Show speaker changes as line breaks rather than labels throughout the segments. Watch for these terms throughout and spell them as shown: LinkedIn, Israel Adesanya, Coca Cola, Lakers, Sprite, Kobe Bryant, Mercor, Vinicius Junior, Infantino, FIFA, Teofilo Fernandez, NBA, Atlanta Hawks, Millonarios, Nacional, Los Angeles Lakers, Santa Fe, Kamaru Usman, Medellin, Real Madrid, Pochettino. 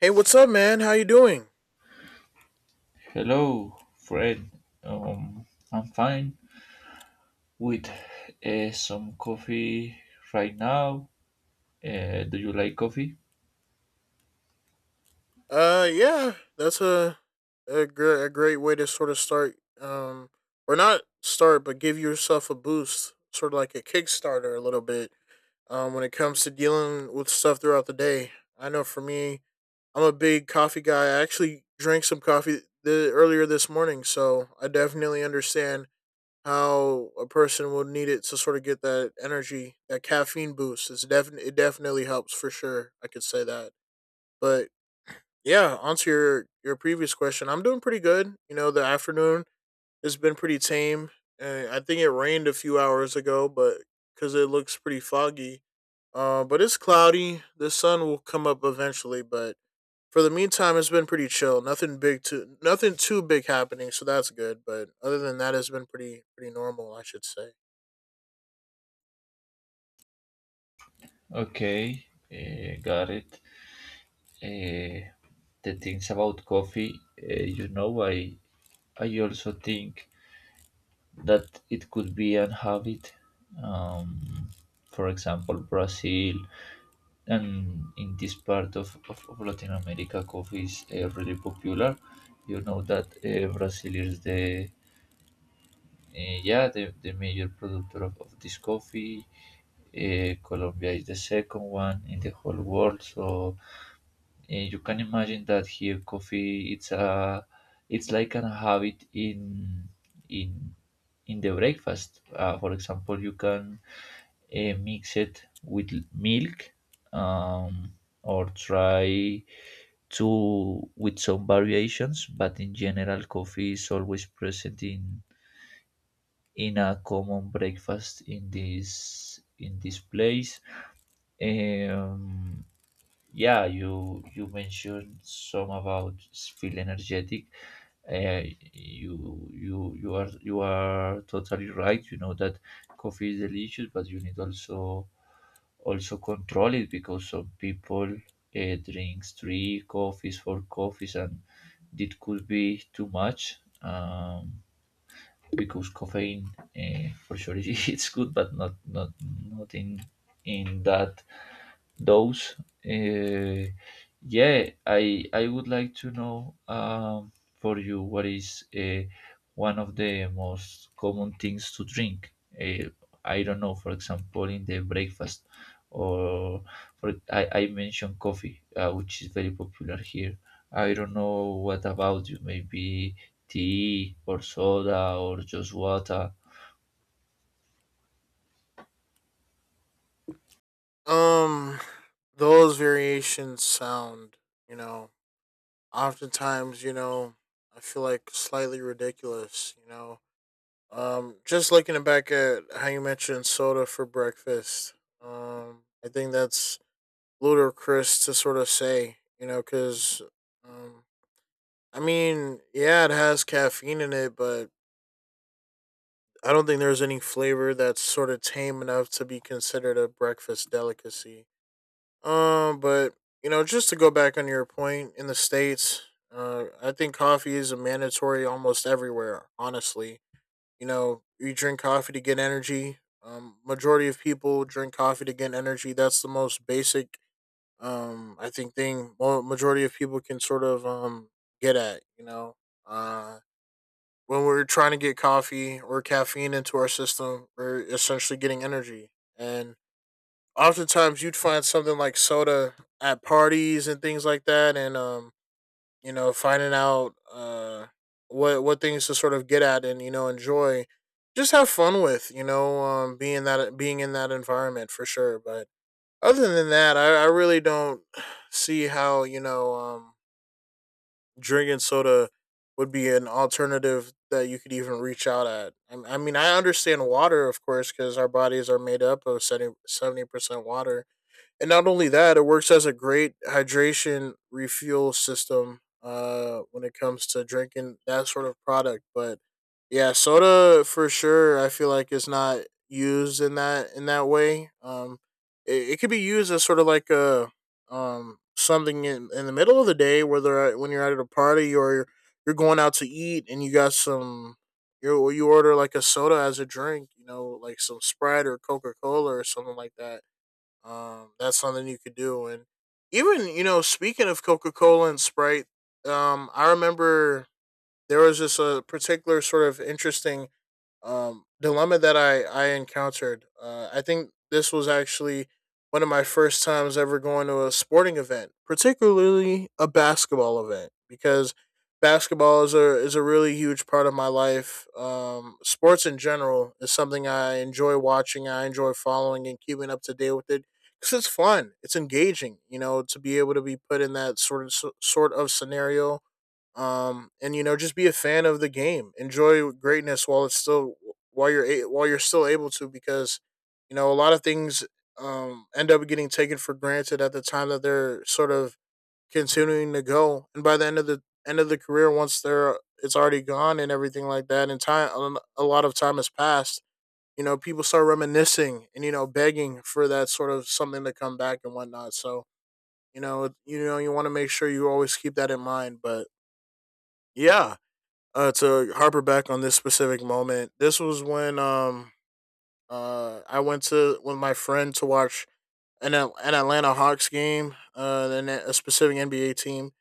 Hey, what's up, man? How you doing?
Hello, Fred. Um, I'm fine with some coffee right now. Do you like coffee?
Yeah, that's a great way to sort of start, or not start, but give yourself a boost, sort of like a Kickstarter, a little bit. When it comes to dealing with stuff throughout the day, I know for me, I'm a big coffee guy. I actually drank some coffee earlier this morning, so I definitely understand how a person would need it to sort of get that energy, that caffeine boost. It definitely helps for sure. I could say that. But yeah, onto your previous question. I'm doing pretty good. You know, the afternoon has been pretty tame. I think it rained a few hours ago, but because it looks pretty foggy. But it's cloudy. The sun will come up eventually, but for the meantime, it's been pretty chill. Nothing too big happening, so that's good. But other than that, it's been pretty normal, I should say.
Okay, got it. Uh, the things about coffee, you know, I also think that it could be an habit. Um, for example, Brazil and in this part of Latin America, coffee is really popular. You know that Brazil is the the major producer of this coffee. Colombia is the second one in the whole world. So you can imagine that here coffee it's a it's like an habit in in the breakfast. For example, you can mix it with milk, um, or try to with some variations, but in general coffee is always present in a common breakfast in this place. um, yeah, you mentioned some about feel energetic. uh, you are totally right. You know that coffee is delicious, but you need also control it, because some people drinks three coffees, four coffees, and it could be too much. Because caffeine, for sure, it's good, but not in that those. Uh, yeah, I would like to know, for you, what is one of the most common things to drink. Uh, I don't know, for example, in the breakfast, or for I mentioned coffee, which is very popular here. I don't know what about you, maybe tea or soda or just water.
Um, those variations sound, you know, oftentimes, you know, I feel like slightly ridiculous, you know. Just looking back at how you mentioned soda for breakfast, I think that's ludicrous to sort of say, you know, because, um, I mean, yeah, it has caffeine in it, but I don't think there's any flavor that's sort of tame enough to be considered a breakfast delicacy. But you know, just to go back on your point in the states, I think coffee is a mandatory almost everywhere. Honestly, you know, you drink coffee to get energy. Majority of people drink coffee to get energy. That's the most basic, I think thing. Well, majority of people can sort of get at. You know, uh, when we're trying to get coffee or caffeine into our system, we're essentially getting energy and oftentimes you'd find something like soda at parties and things like that, and you know, finding out what things to sort of get at and, you know, enjoy, just have fun with, you know. Being in that environment for sure. But other than that, I really don't see how, you know, drinking soda would be an alternative that you could even reach out at. I mean, I understand water of course, because our bodies are made up of 70% water, and not only that, it works as a great hydration refuel system when it comes to drinking that sort of product. But yeah, soda for sure, I feel like, is not used in that way. It could be used as sort of like a something in the middle of the day, whether when you're at a party, or you're going out to eat and you got some, you order like a soda as a drink, you know, like some Sprite or Coca Cola or something like that. That's something you could do. And even, you know, speaking of Coca Cola and Sprite, I remember there was just a particular sort of interesting dilemma that I encountered. I think this was actually one of my first times ever going to a sporting event, particularly a basketball event, because basketball is a really huge part of my life. Sports in general is something I enjoy watching. I enjoy following and keeping up to date with it because it's fun. It's engaging. You know, to be able to be put in that sort of scenario, and you know, just be a fan of the game. Enjoy greatness while it's still, while you're still able to, because you know, a lot of things end up getting taken for granted at the time that they're sort of continuing to go, and by the end of the career, once they're it's already gone and everything like that, and time a lot of time has passed. You know, people start reminiscing and you know, begging for that sort of something to come back and whatnot. So you know, you want to make sure you always keep that in mind. But yeah, to harper back on this specific moment, this was when I went to with my friend to watch an an Atlanta Hawks game, and a specific NBA team,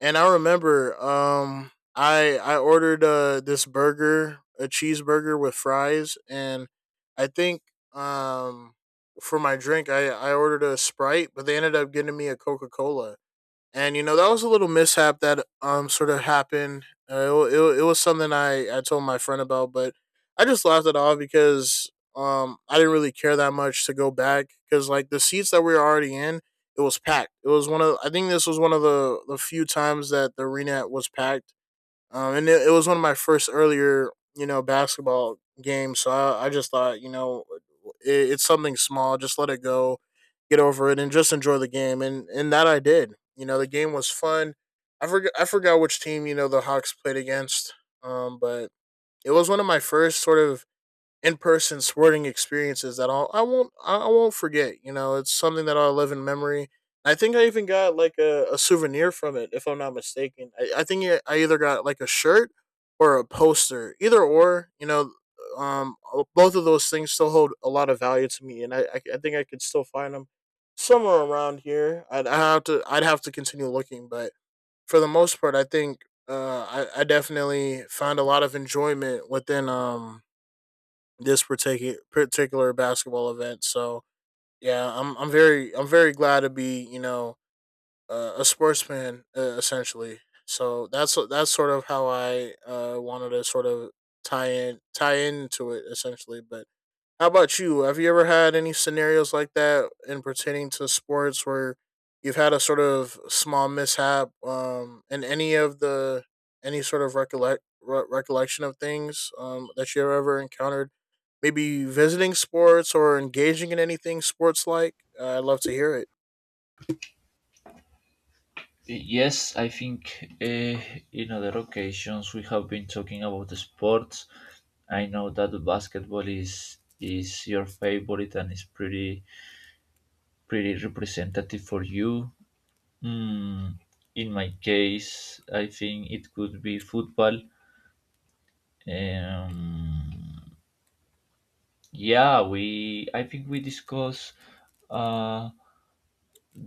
and I remember I ordered this burger, a cheeseburger with fries, and I think um for my drink I ordered a Sprite, but they ended up getting me a Coca Cola, and you know, that was a little mishap that sort of happened. It was something I told my friend about, but I just laughed it off because I didn't really care that much to go back, because like the seats that we were already in, it was packed. It was one of, I think this was one of the few times that the arena was packed, and it was one of my first earlier, you know, basketball games. So I just thought, you know, it's something small. Just let it go, get over it, and just enjoy the game. And that I did. You know, the game was fun. I forgot which team, you know, the Hawks played against. But it was one of my first sort of in-person sporting experiences that I won't forget. You know, it's something that I'll live in memory. I think I even got like a souvenir from it, if I'm not mistaken. I think I either got like a shirt or a poster, either or. You know, um, both of those things still hold a lot of value to me, and I think I could still find them somewhere around here. I'd have to continue looking, but for the most part, I think uh, I definitely found a lot of enjoyment within this particular basketball event. So yeah, I'm very glad to be, you know, a sportsman, essentially. So that's sort of how I wanted to sort of tie into it essentially. But how about you? Have you ever had any scenarios like that in pertaining to sports where you've had a sort of small mishap in any of the any sort of recollection of things that you ever encountered, maybe visiting sports or engaging in anything sports like? I'd love to hear it.
Yes, I think in other occasions we have been talking about the sports. I know that basketball is your favorite and is pretty representative for you. Mm, in my case, I think it could be football. Um, yeah, we I think we discussed uh,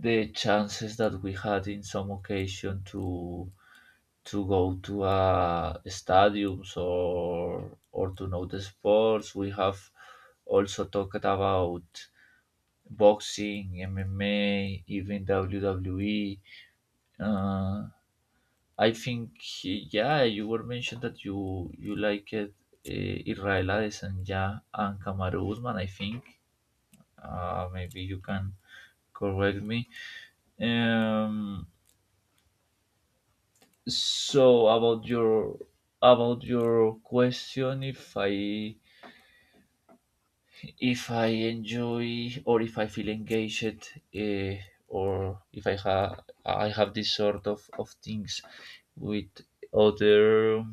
the chances that we had in some occasion to go to stadiums, or to know the sports. We have also talked about boxing, MMA, even WWE. Uh, I think yeah, you were mentioned that you liked Israel Adesanya and Kamaru Usman. I think maybe you can correct me. Um, so about your question, if I enjoy, or if I feel engaged, or if I have I have this sort of things with other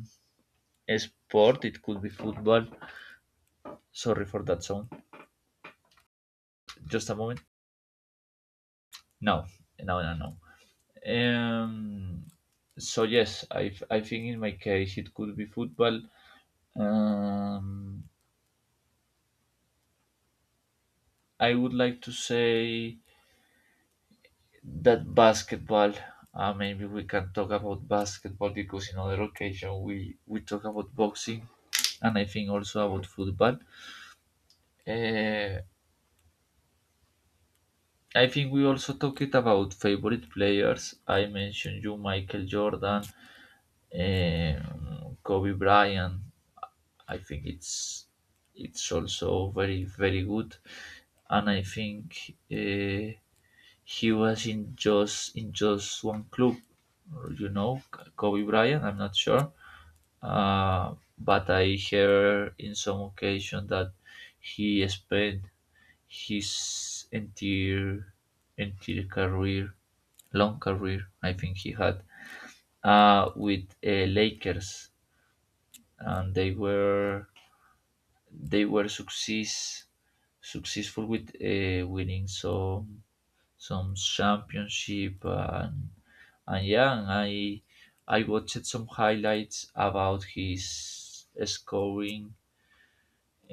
sport. It could be football. Sorry for that sound. Just a moment. No, no, no, no. So yes, I think in my case it could be football. um I would like to say that basketball, maybe we can talk about basketball, because in other occasion we talk about boxing, and I think also about football. uh, I think we also talked about favorite players. I mentioned you Michael Jordan. Kobe Bryant, I think it's also very good. And I think he was in just one club, you know, Kobe Bryant. I'm not sure, but I heard in some occasion that he spent his entire career, long career. I think he had, with Lakers, and they were successful with winning some championship. And yeah, and I watched some highlights about his scoring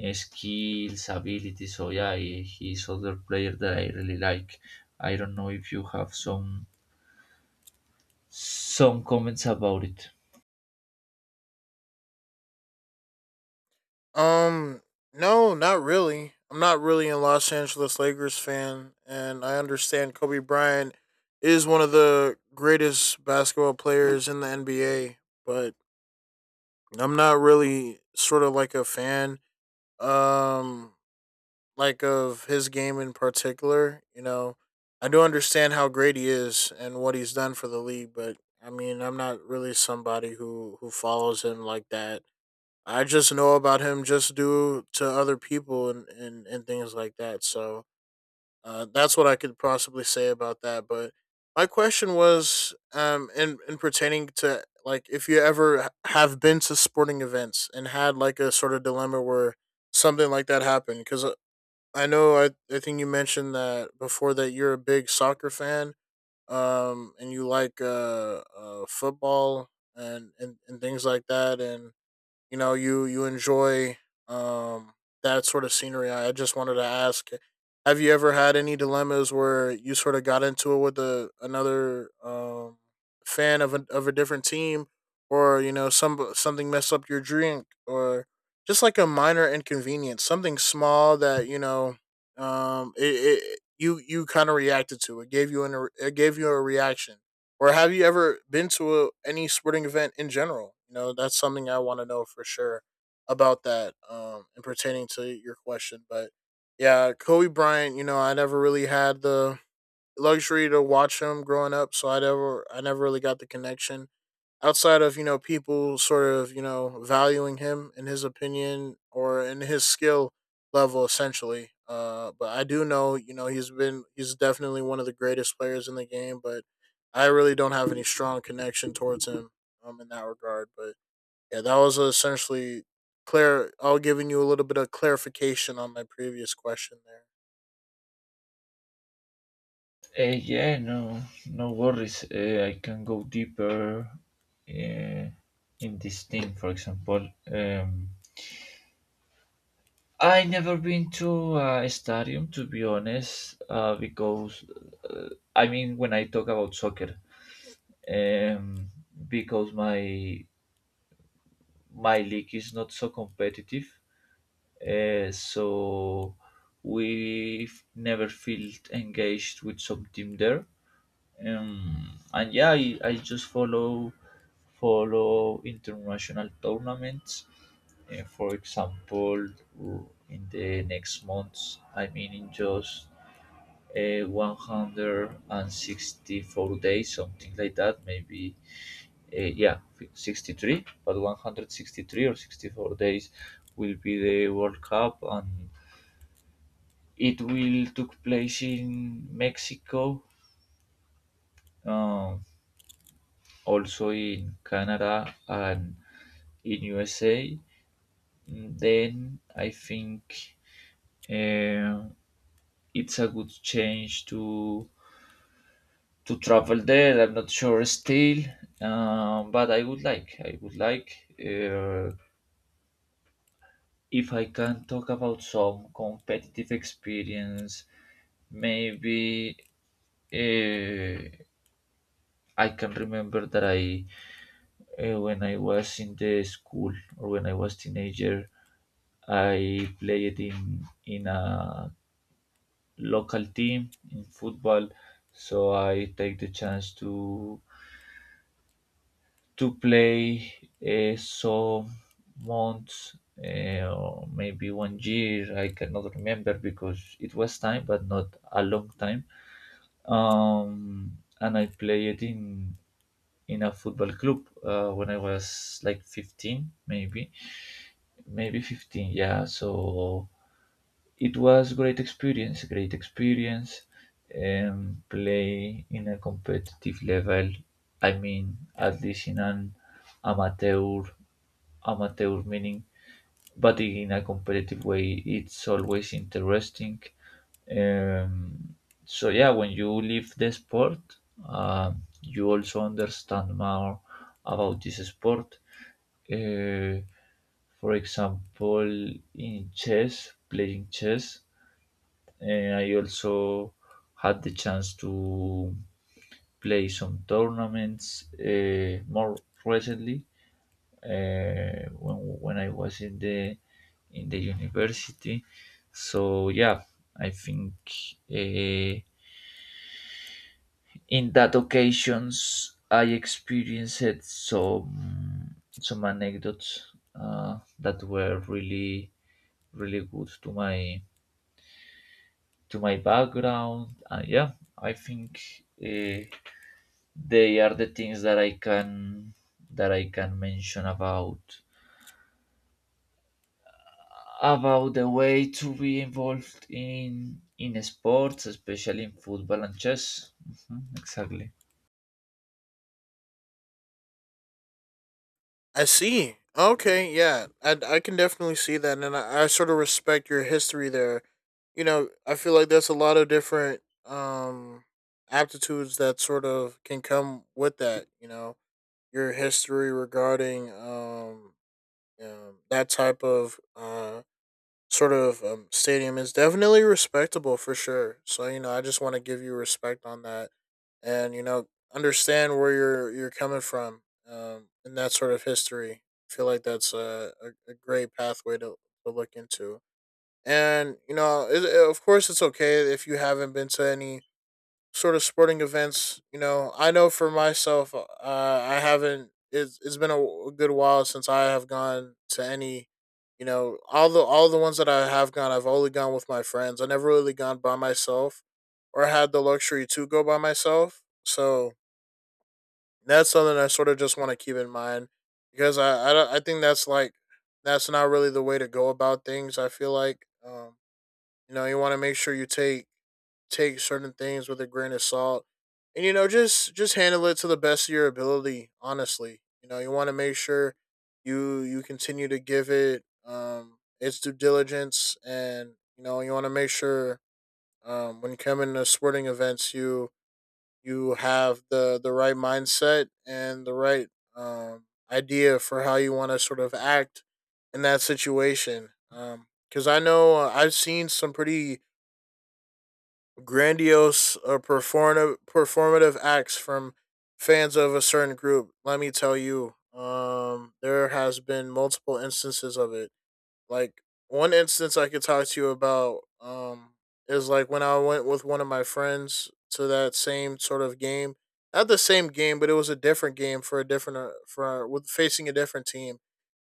skills, ability. So yeah, he's other player that I really like. I don't know if you have some comments about it.
Um, no, not really. I'm not really a Los Angeles Lakers fan, and I understand Kobe Bryant is one of the greatest basketball players in the NBA, but I'm not really sort of like a fan. Um, like of his game in particular. You know, I do understand how great he is and what he's done for the league, but I mean, I'm not really somebody who follows him like that. I just know about him just due to other people, and things like that. So that's what I could possibly say about that. But my question was, in pertaining to like, if you ever have been to sporting events and had like a sort of dilemma where something like that happened. Because I know, I think you mentioned that before, that you're a big soccer fan, and you like football and, and things like that, and you know, you enjoy um that sort of scenery. I just wanted to ask, have you ever had any dilemmas where you sort of got into it with a another fan of of a different team, or you know, some something messed up your drink, or just like a minor inconvenience, something small, that you know, um it, it, you kind of reacted to it, gave you an, it gave you a reaction. Or have you ever been to a, any sporting event in general? You know, that's something I want to know for sure about that, and pertaining to your question. But yeah, Kobe Bryant, you know, I never really had the luxury to watch him growing up, so I never really got the connection outside of, you know, people sort of, you know, valuing him in his opinion or in his skill level essentially. But I do know, you know, he's been, he's definitely one of the greatest players in the game, but I really don't have any strong connection towards him, in that regard. But yeah, that was essentially clear, I'll giving you a little bit of clarification on my previous question there.
uh, yeah, no, no worries. I can go deeper uh, in this thing. For example, I never been to a stadium, to be honest, because I mean, when I talk about soccer, um, because my league is not so competitive, so we've never felt engaged with some team there. And yeah, I just follow international tournaments. For example, in the next months, I mean in just 164 days, something like that. Maybe, yeah, 63, but 163 or 64 days will be the World Cup, and it will took place in Mexico, um, also in Canada and in USA. Then I think uh, it's a good change to travel there. I'm not sure still, but I would like. I would like, uh, if I can talk about some competitive experience. Maybe uh, I can remember that when I was in the school, or when I was teenager, I played in a local team in football. So I take the chance to play so months, or maybe one year, I cannot remember because it was time, but not a long time. um, and I played in a football club, when I was like 15, maybe 15, yeah. So it was great experience, great experience. Play in a competitive level. I mean, at least in an amateur, amateur meaning, but in a competitive way, it's always interesting. Um, so yeah, when you leave the sport, you also understand more about this sport. Uh, for example, in chess, playing chess, and I also had the chance to play some tournaments, more recently, uh, when, when I was in the university. So yeah, I think uh, in that occasions I experienced some anecdotes, that were really good to my background. And yeah, I think they are the things that I can that I can mention about the way to be involved in sports, especially in football and chess. Mhm, exactly.
I see. Okay, yeah, I can definitely see that, and I sort of respect your history there. You know, I feel like that's a lot of different aptitudes that sort of can come with that. You know, your history regarding that type of stadium is definitely respectable for sure. So you know, I just want to give you respect on that, and you know, understand where you're coming from, and that sort of history. I feel like that's a great pathway to look into. And you know, of course, it's okay if you haven't been to any sort of sporting events. You know, I know for myself, I haven't. It's been a, good while since I have gone to any. You know, all the ones that I have gone, I've only gone with my friends. I never really gone by myself, or had the luxury to go by myself. So that's something I sort of just want to keep in mind because I, don't- I think that's like that's not really the way to go about things. I feel like. You know, you want to make sure you take certain things with a grain of salt, and you know, just handle it to the best of your ability. Honestly, you know, you want to make sure you continue to give it its due diligence, and you know, you want to make sure when you come into sporting events, you have the right mindset and the right um idea for how you want to sort of act in that situation. Because I know I've seen some pretty grandiose or performative acts from fans of a certain group. Let me tell you, there has been multiple instances of it. Like one instance I could talk to you about is like when I went with one of my friends to that same sort of game. Not the same game, but it was a different game for a different for with facing a different team.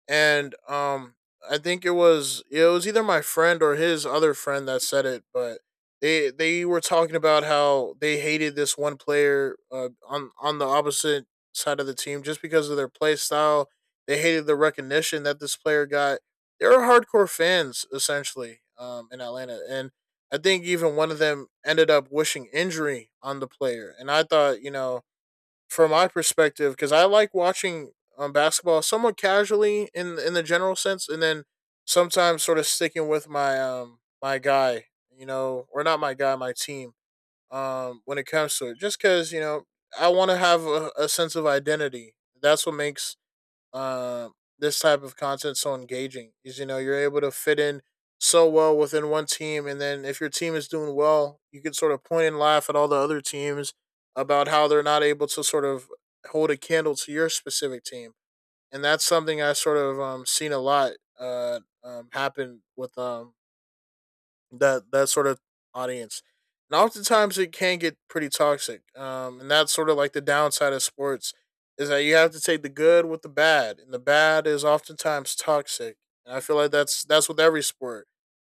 And I think it was either my friend or his other friend that said it, but they were talking about how they hated this one player on the opposite side of the team just because of their play style. They hated the recognition that this player got. There are hardcore fans essentially in Atlanta, and I think even one of them ended up wishing injury on the player. And I thought, you know, from my perspective, because I like watching basketball somewhat casually in the general sense, and then sometimes sort of sticking with my my guy, you know, or not my guy, my team. When it comes to it, just because you know I want to have a sense of identity. That's what makes uh, this type of content so engaging is you know you're able to fit in so well within one team, and then if your team is doing well you can sort of point and laugh at all the other teams about how they're not able to sort of hold a candle to your specific team. And that's something I sort of seen a lot happen with that sort of audience. And oftentimes it can get pretty toxic. And that's sort of like the downside of sports is that you have to take the good with the bad, and the bad is oftentimes toxic. And I feel like that's with every sport,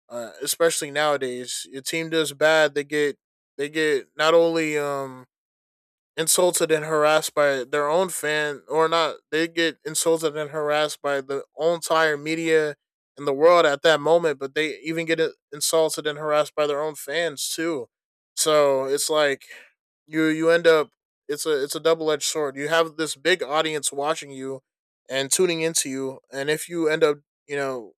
especially nowadays. Your team does bad, they get not only insulted and harassed by their own fan, or not, they get insulted and harassed by the entire media in the world at that moment, but they even get insulted and harassed by their own fans too. So it's like you end up, it's a double-edged sword. You have this big audience watching you and tuning into you, and if you end up, you know,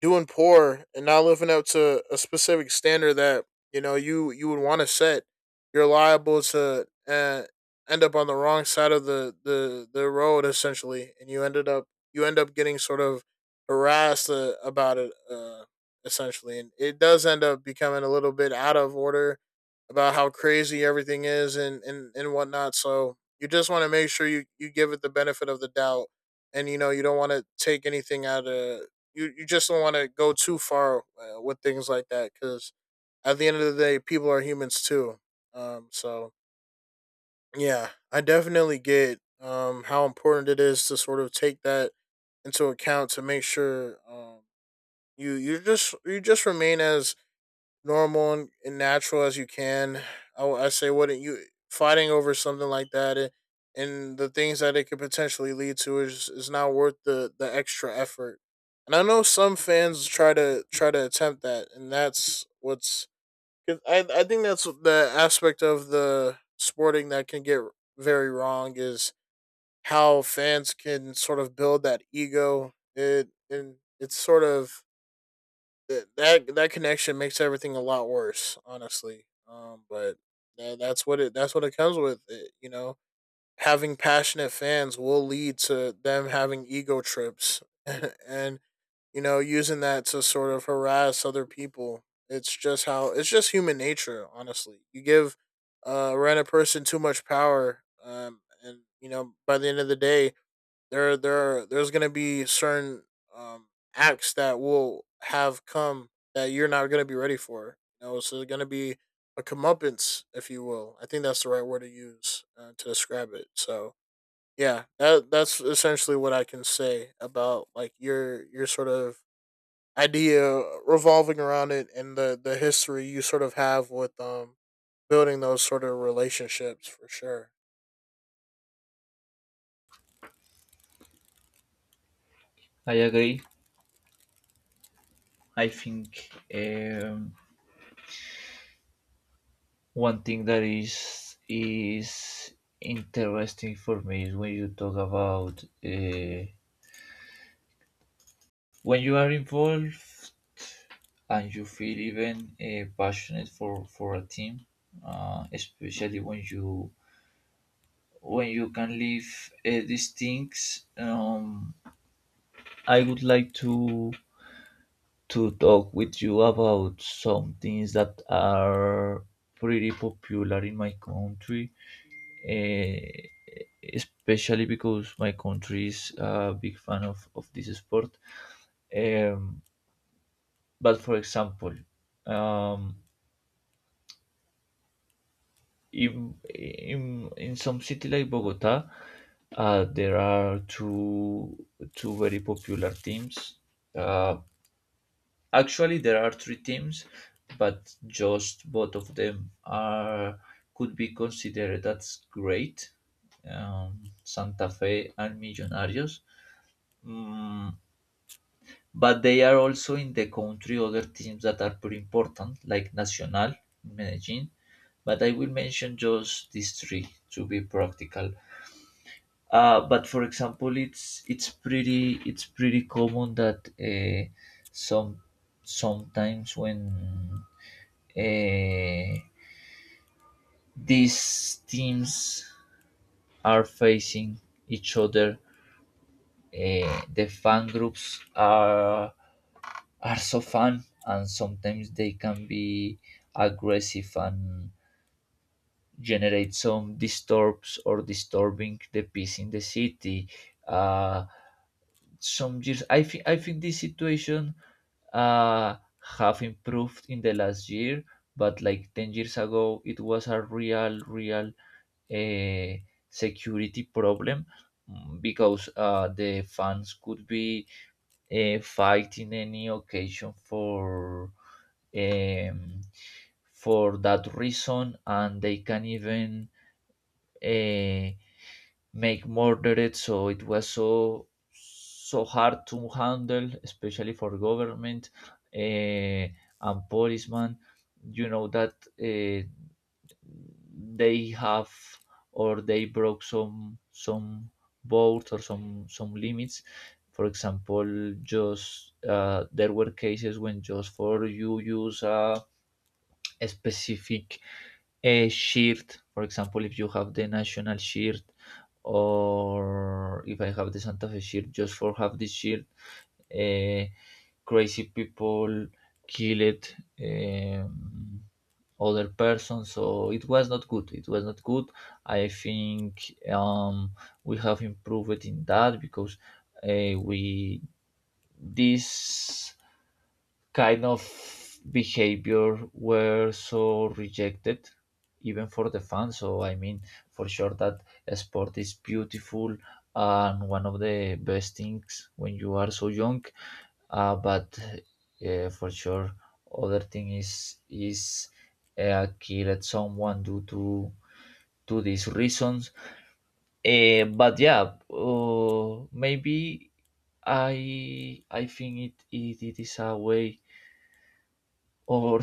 doing poor and not living up to a specific standard that, you know, you would want to set, you're liable to end up on the wrong side of the road essentially, and you ended up, you end up getting sort of harassed about it essentially, and it does end up becoming a little bit out of order about how crazy everything is and whatnot. So you just want to make sure you give it the benefit of the doubt, and you know you don't want to take anything out of, you just don't want to go too far with things like that, because at the end of the day, people are humans too. So yeah, I definitely get how important it is to sort of take that into account to make sure you you just remain as normal and natural as you can. I Say, wouldn't you fighting over something like that, and the things that it could potentially lead to is not worth the extra effort. And I know some fans try to try to attempt that, and that's what's. I think that's the aspect of the sporting that can get very wrong is how fans can sort of build that ego. It, and it's sort of that connection makes everything a lot worse, honestly. But that's what it comes with. It, you know, having passionate fans will lead to them having ego trips, and you know, using that to sort of harass other people. It's just how, it's just human nature, honestly. You give a random person too much power, and you know, by the end of the day, there's gonna be certain um acts that will have come that you're not gonna be ready for. You know, so it's gonna be a comeuppance, if you will. I think that's the right word to use to describe it. So yeah, that's essentially what I can say about like your sort of idea revolving around it and the history you sort of have with building those sort of relationships for sure.
I agree. I think one thing that is interesting for me is when you talk about, when you are involved, and you feel even passionate for a team, especially when you can live these things. I would like to talk with you about some things that are pretty popular in my country, uh, especially because my country is a big fan of this sport. um, but for example, um, in some city like Bogota, there are two very popular teams. Uh, Actually, there are three teams, but just both of them are could be considered as great. Santa Fe and Millonarios. Mm, but they are also in the country other teams that are pretty important, like Nacional in Medellin. But I will mention just these three to be practical. But for example, it's pretty common that some sometimes when uh, these teams are facing each other, the fan groups are so fun, and sometimes they can be aggressive and generate some disturbs, or disturbing the peace in the city. uh, some years, I think this situation uh, have improved in the last year, but like 10 years ago it was a real real a security problem. Mm, because the fans could be fight in any occasion for, um, for that reason, and they can even uh, make murdered. So it was so so hard to handle, especially for government and policemen. You know that uh, they have, or they broke some boards, or some limits. For example, just there were cases when just for you use a specific a shirt. For example, if you have the national shirt, or if I have the Santa Fe shirt, just for have this shirt, uh, crazy people killed, um, other person. So it was not good, it was not good. I think we have improved in that because we this kind of behavior were so rejected, even for the fans. So I mean, for sure that sport is beautiful, and one of the best things when you are so young. But for sure, other thing is killed someone due to these reasons. But yeah, maybe I think it it is a way, or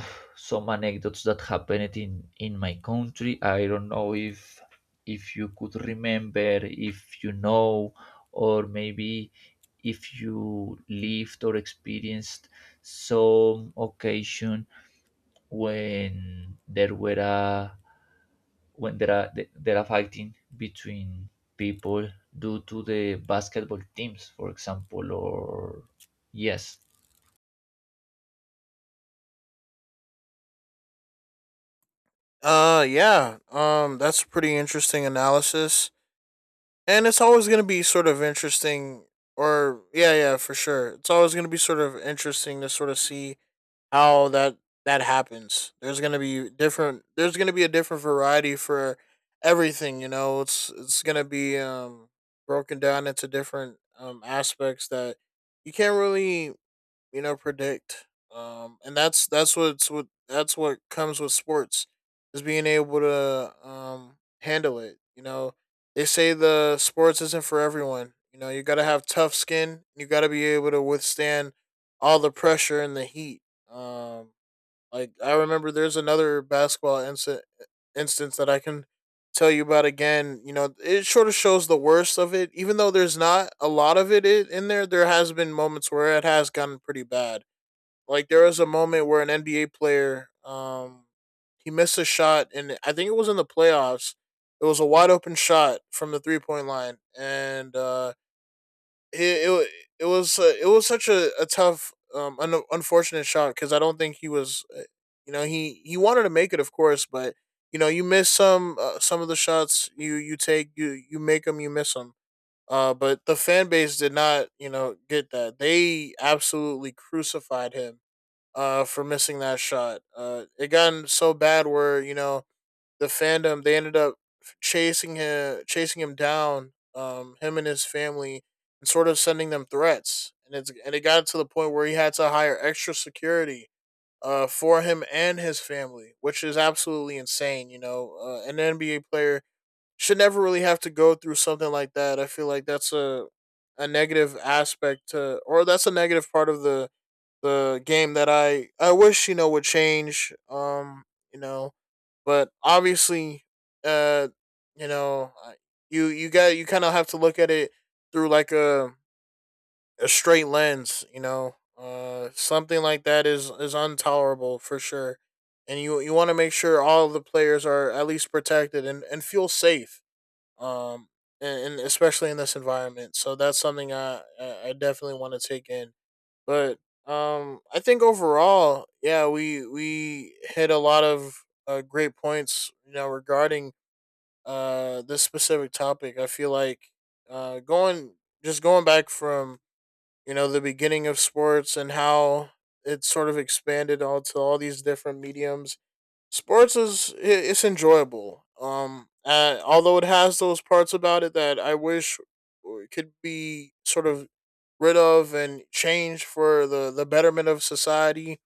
some anecdotes that happened in my country. I don't know if you could remember, if you know, or maybe if you lived or experienced some occasion when there were a, when there are, there are fighting between people due to the basketball teams for example, or yes.
Yeah, that's a pretty interesting analysis. And it's always going to be sort of interesting, or yeah for sure, it's always going to be sort of interesting to sort of see how that that happens. There's going to be different, there's going to be a different variety for everything. You know, it's going to be broken down into different aspects that you can't really, you know, predict. And that's what comes with sports, is being able to handle it. You know, they say the sports isn't for everyone. You know, you got to have tough skin, you got to be able to withstand all the pressure and the heat. um like I remember, there's another instance that I can tell you about again. You know, it sort of shows the worst of it, even though there's not a lot of it in there. There has been moments where it has gotten pretty bad. Like there was a moment where an NBA player, he missed a shot, and I think it was in the playoffs. It was a wide open shot from the 3 point line, and it it, it was such a tough unfortunate shot, because I don't think he was you know, he wanted to make it of course, but you know you miss some of the shots you you take, you make them, you miss them. But the fan base did not, you know, get that. They absolutely crucified him for missing that shot. It gotten so bad where, you know, the fandom, they ended up chasing him, chasing him down, him and his family, and sort of sending them threats. And it's, and it got to the point where he had to hire extra security for him and his family, which is absolutely insane. You know, an NBA player should never really have to go through something like that. I feel like that's a negative aspect to, or that's a negative part of the game, that I wish, you know, would change. You know, but obviously, uh, you know, you kind of have to look at it through like a straight lens. You know, something like that is intolerable for sure, and you want to make sure all the players are at least protected and feel safe. Um. And especially in this environment, so that's something I definitely want to take in. But I think overall, yeah, we hit a lot of great points, you know, regarding this specific topic. I feel like going just going back from, you know, the beginning of sports and how it sort of expanded all to all these different mediums, sports is it's enjoyable. Although it has those parts about it that I wish could be sort of rid of and changed for the betterment of society.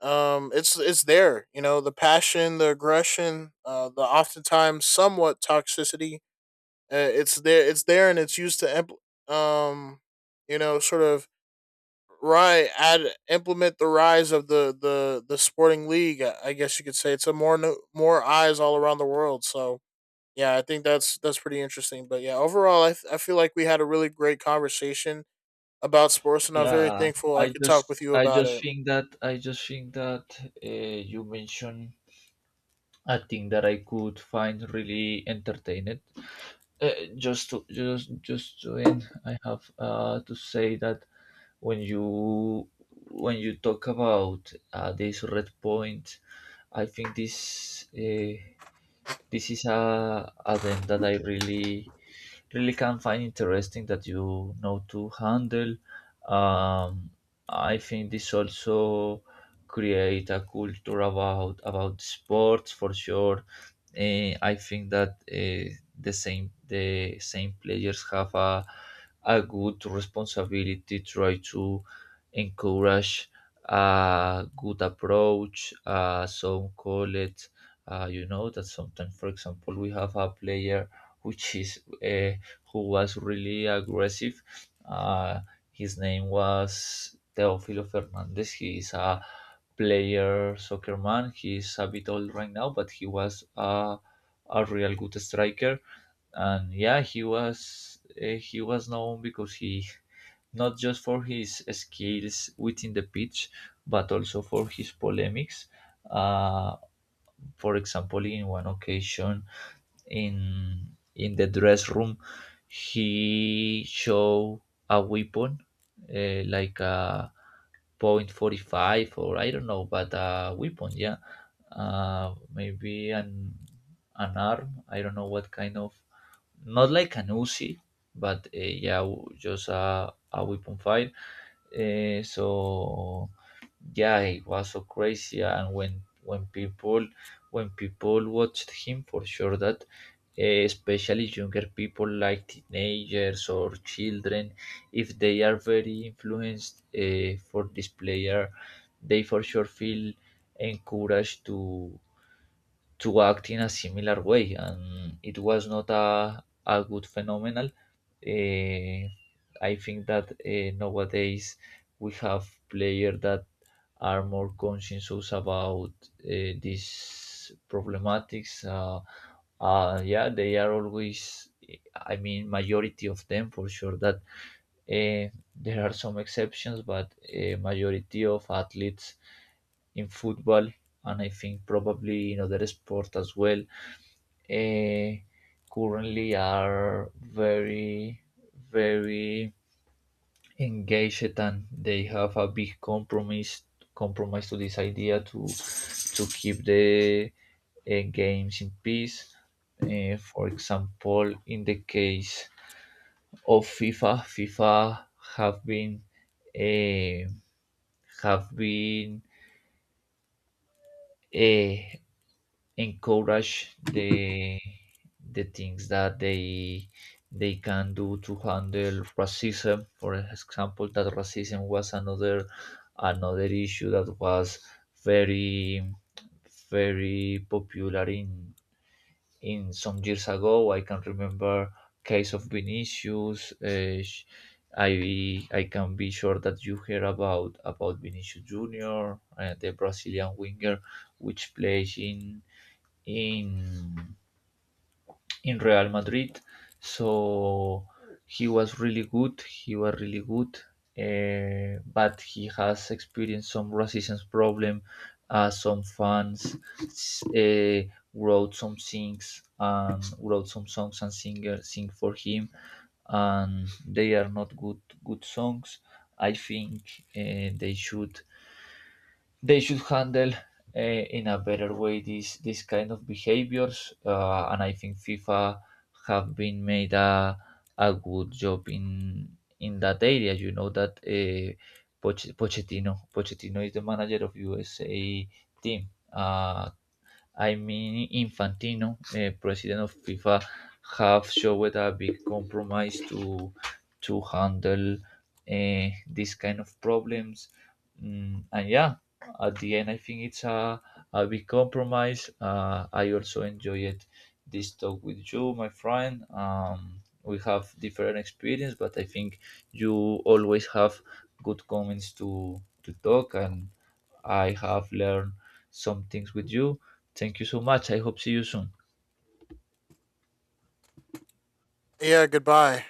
It's there, you know, the passion, the aggression, the oftentimes somewhat toxicity. It's there, it's there, and it's used to, you know, sort of right add implement the rise of the sporting league. I guess you could say it's a more more eyes all around the world. So yeah, I think that's pretty interesting. But yeah, overall, I feel like we had a really great conversation about sports, and I'm very
Yeah,
thankful I
I
could talk with
just
you
I
about
just
it.
think that I just think that you mentioned a thing that I could find really entertaining. Uh, just to just to end, I have to say that when you, when you talk about this red point, I think this. This is a them that I really can find interesting, that you know, to handle. Um, I think this also create a culture about sports, for sure. I think that the same players have a good responsibility, try to encourage a good approach, some call it, you know, that sometimes for example we have a player which is, who was really aggressive. uh, his name was Teofilo Fernandez. He is a player, soccer man. He is a bit old right now, but he was a real good striker. And yeah, he was, he was known because he not just for his skills within the pitch, but also for his polemics. uh, for example, in one occasion, in the dress room, he showed a weapon, like a point 45, or I don't know, but a weapon, yeah, maybe an arm. I don't know what kind of, not like an Uzi, but yeah, just a weapon file. So yeah, it was so crazy, and when people watched him, for sure that especially younger people like teenagers or children, if they are very influenced, for this player, they for sure feel encouraged to act in a similar way, and it was not a, a good phenomenon. Eh, I think that nowadays we have players that are more conscious about, these problematics. Yeah, they are always, I mean, majority of them for sure. That there are some exceptions, but majority of athletes in football, and I think probably in other sport as well, eh, currently are very, very engaged, and they have a big compromise to this idea, to keep the, games in peace. For example, in the case of FIFA, FIFA have been, eh, have been eh, encourage the things that they can do to handle racism. For example, that racism was another, another issue that was very very popular in some years ago. I can remember case of Vinicius. I can be sure that you hear about Vinicius Junior, the Brazilian winger, which plays in in in Real Madrid. So he was really good. He was really good, but he has experienced some racism problem. Some fans uh, wrote some things, and wrote some songs, and singer sing for him, and they are not good songs. I think they should handle uh, in a better way these kind of behaviors. And I think FIFA have been made a good job in that area. You know that Pochettino is the manager of USA team. I mean, Infantino, president of FIFA, have showed a big compromise to handle, these kind of problems. Mm, and yeah, at the end, I think it's a big compromise. I also enjoyed this talk with you, my friend. We have different experience, but I think you always have good comments to talk, and I have learned some things with you. Thank you so much. I hope see you soon.
Yeah, goodbye.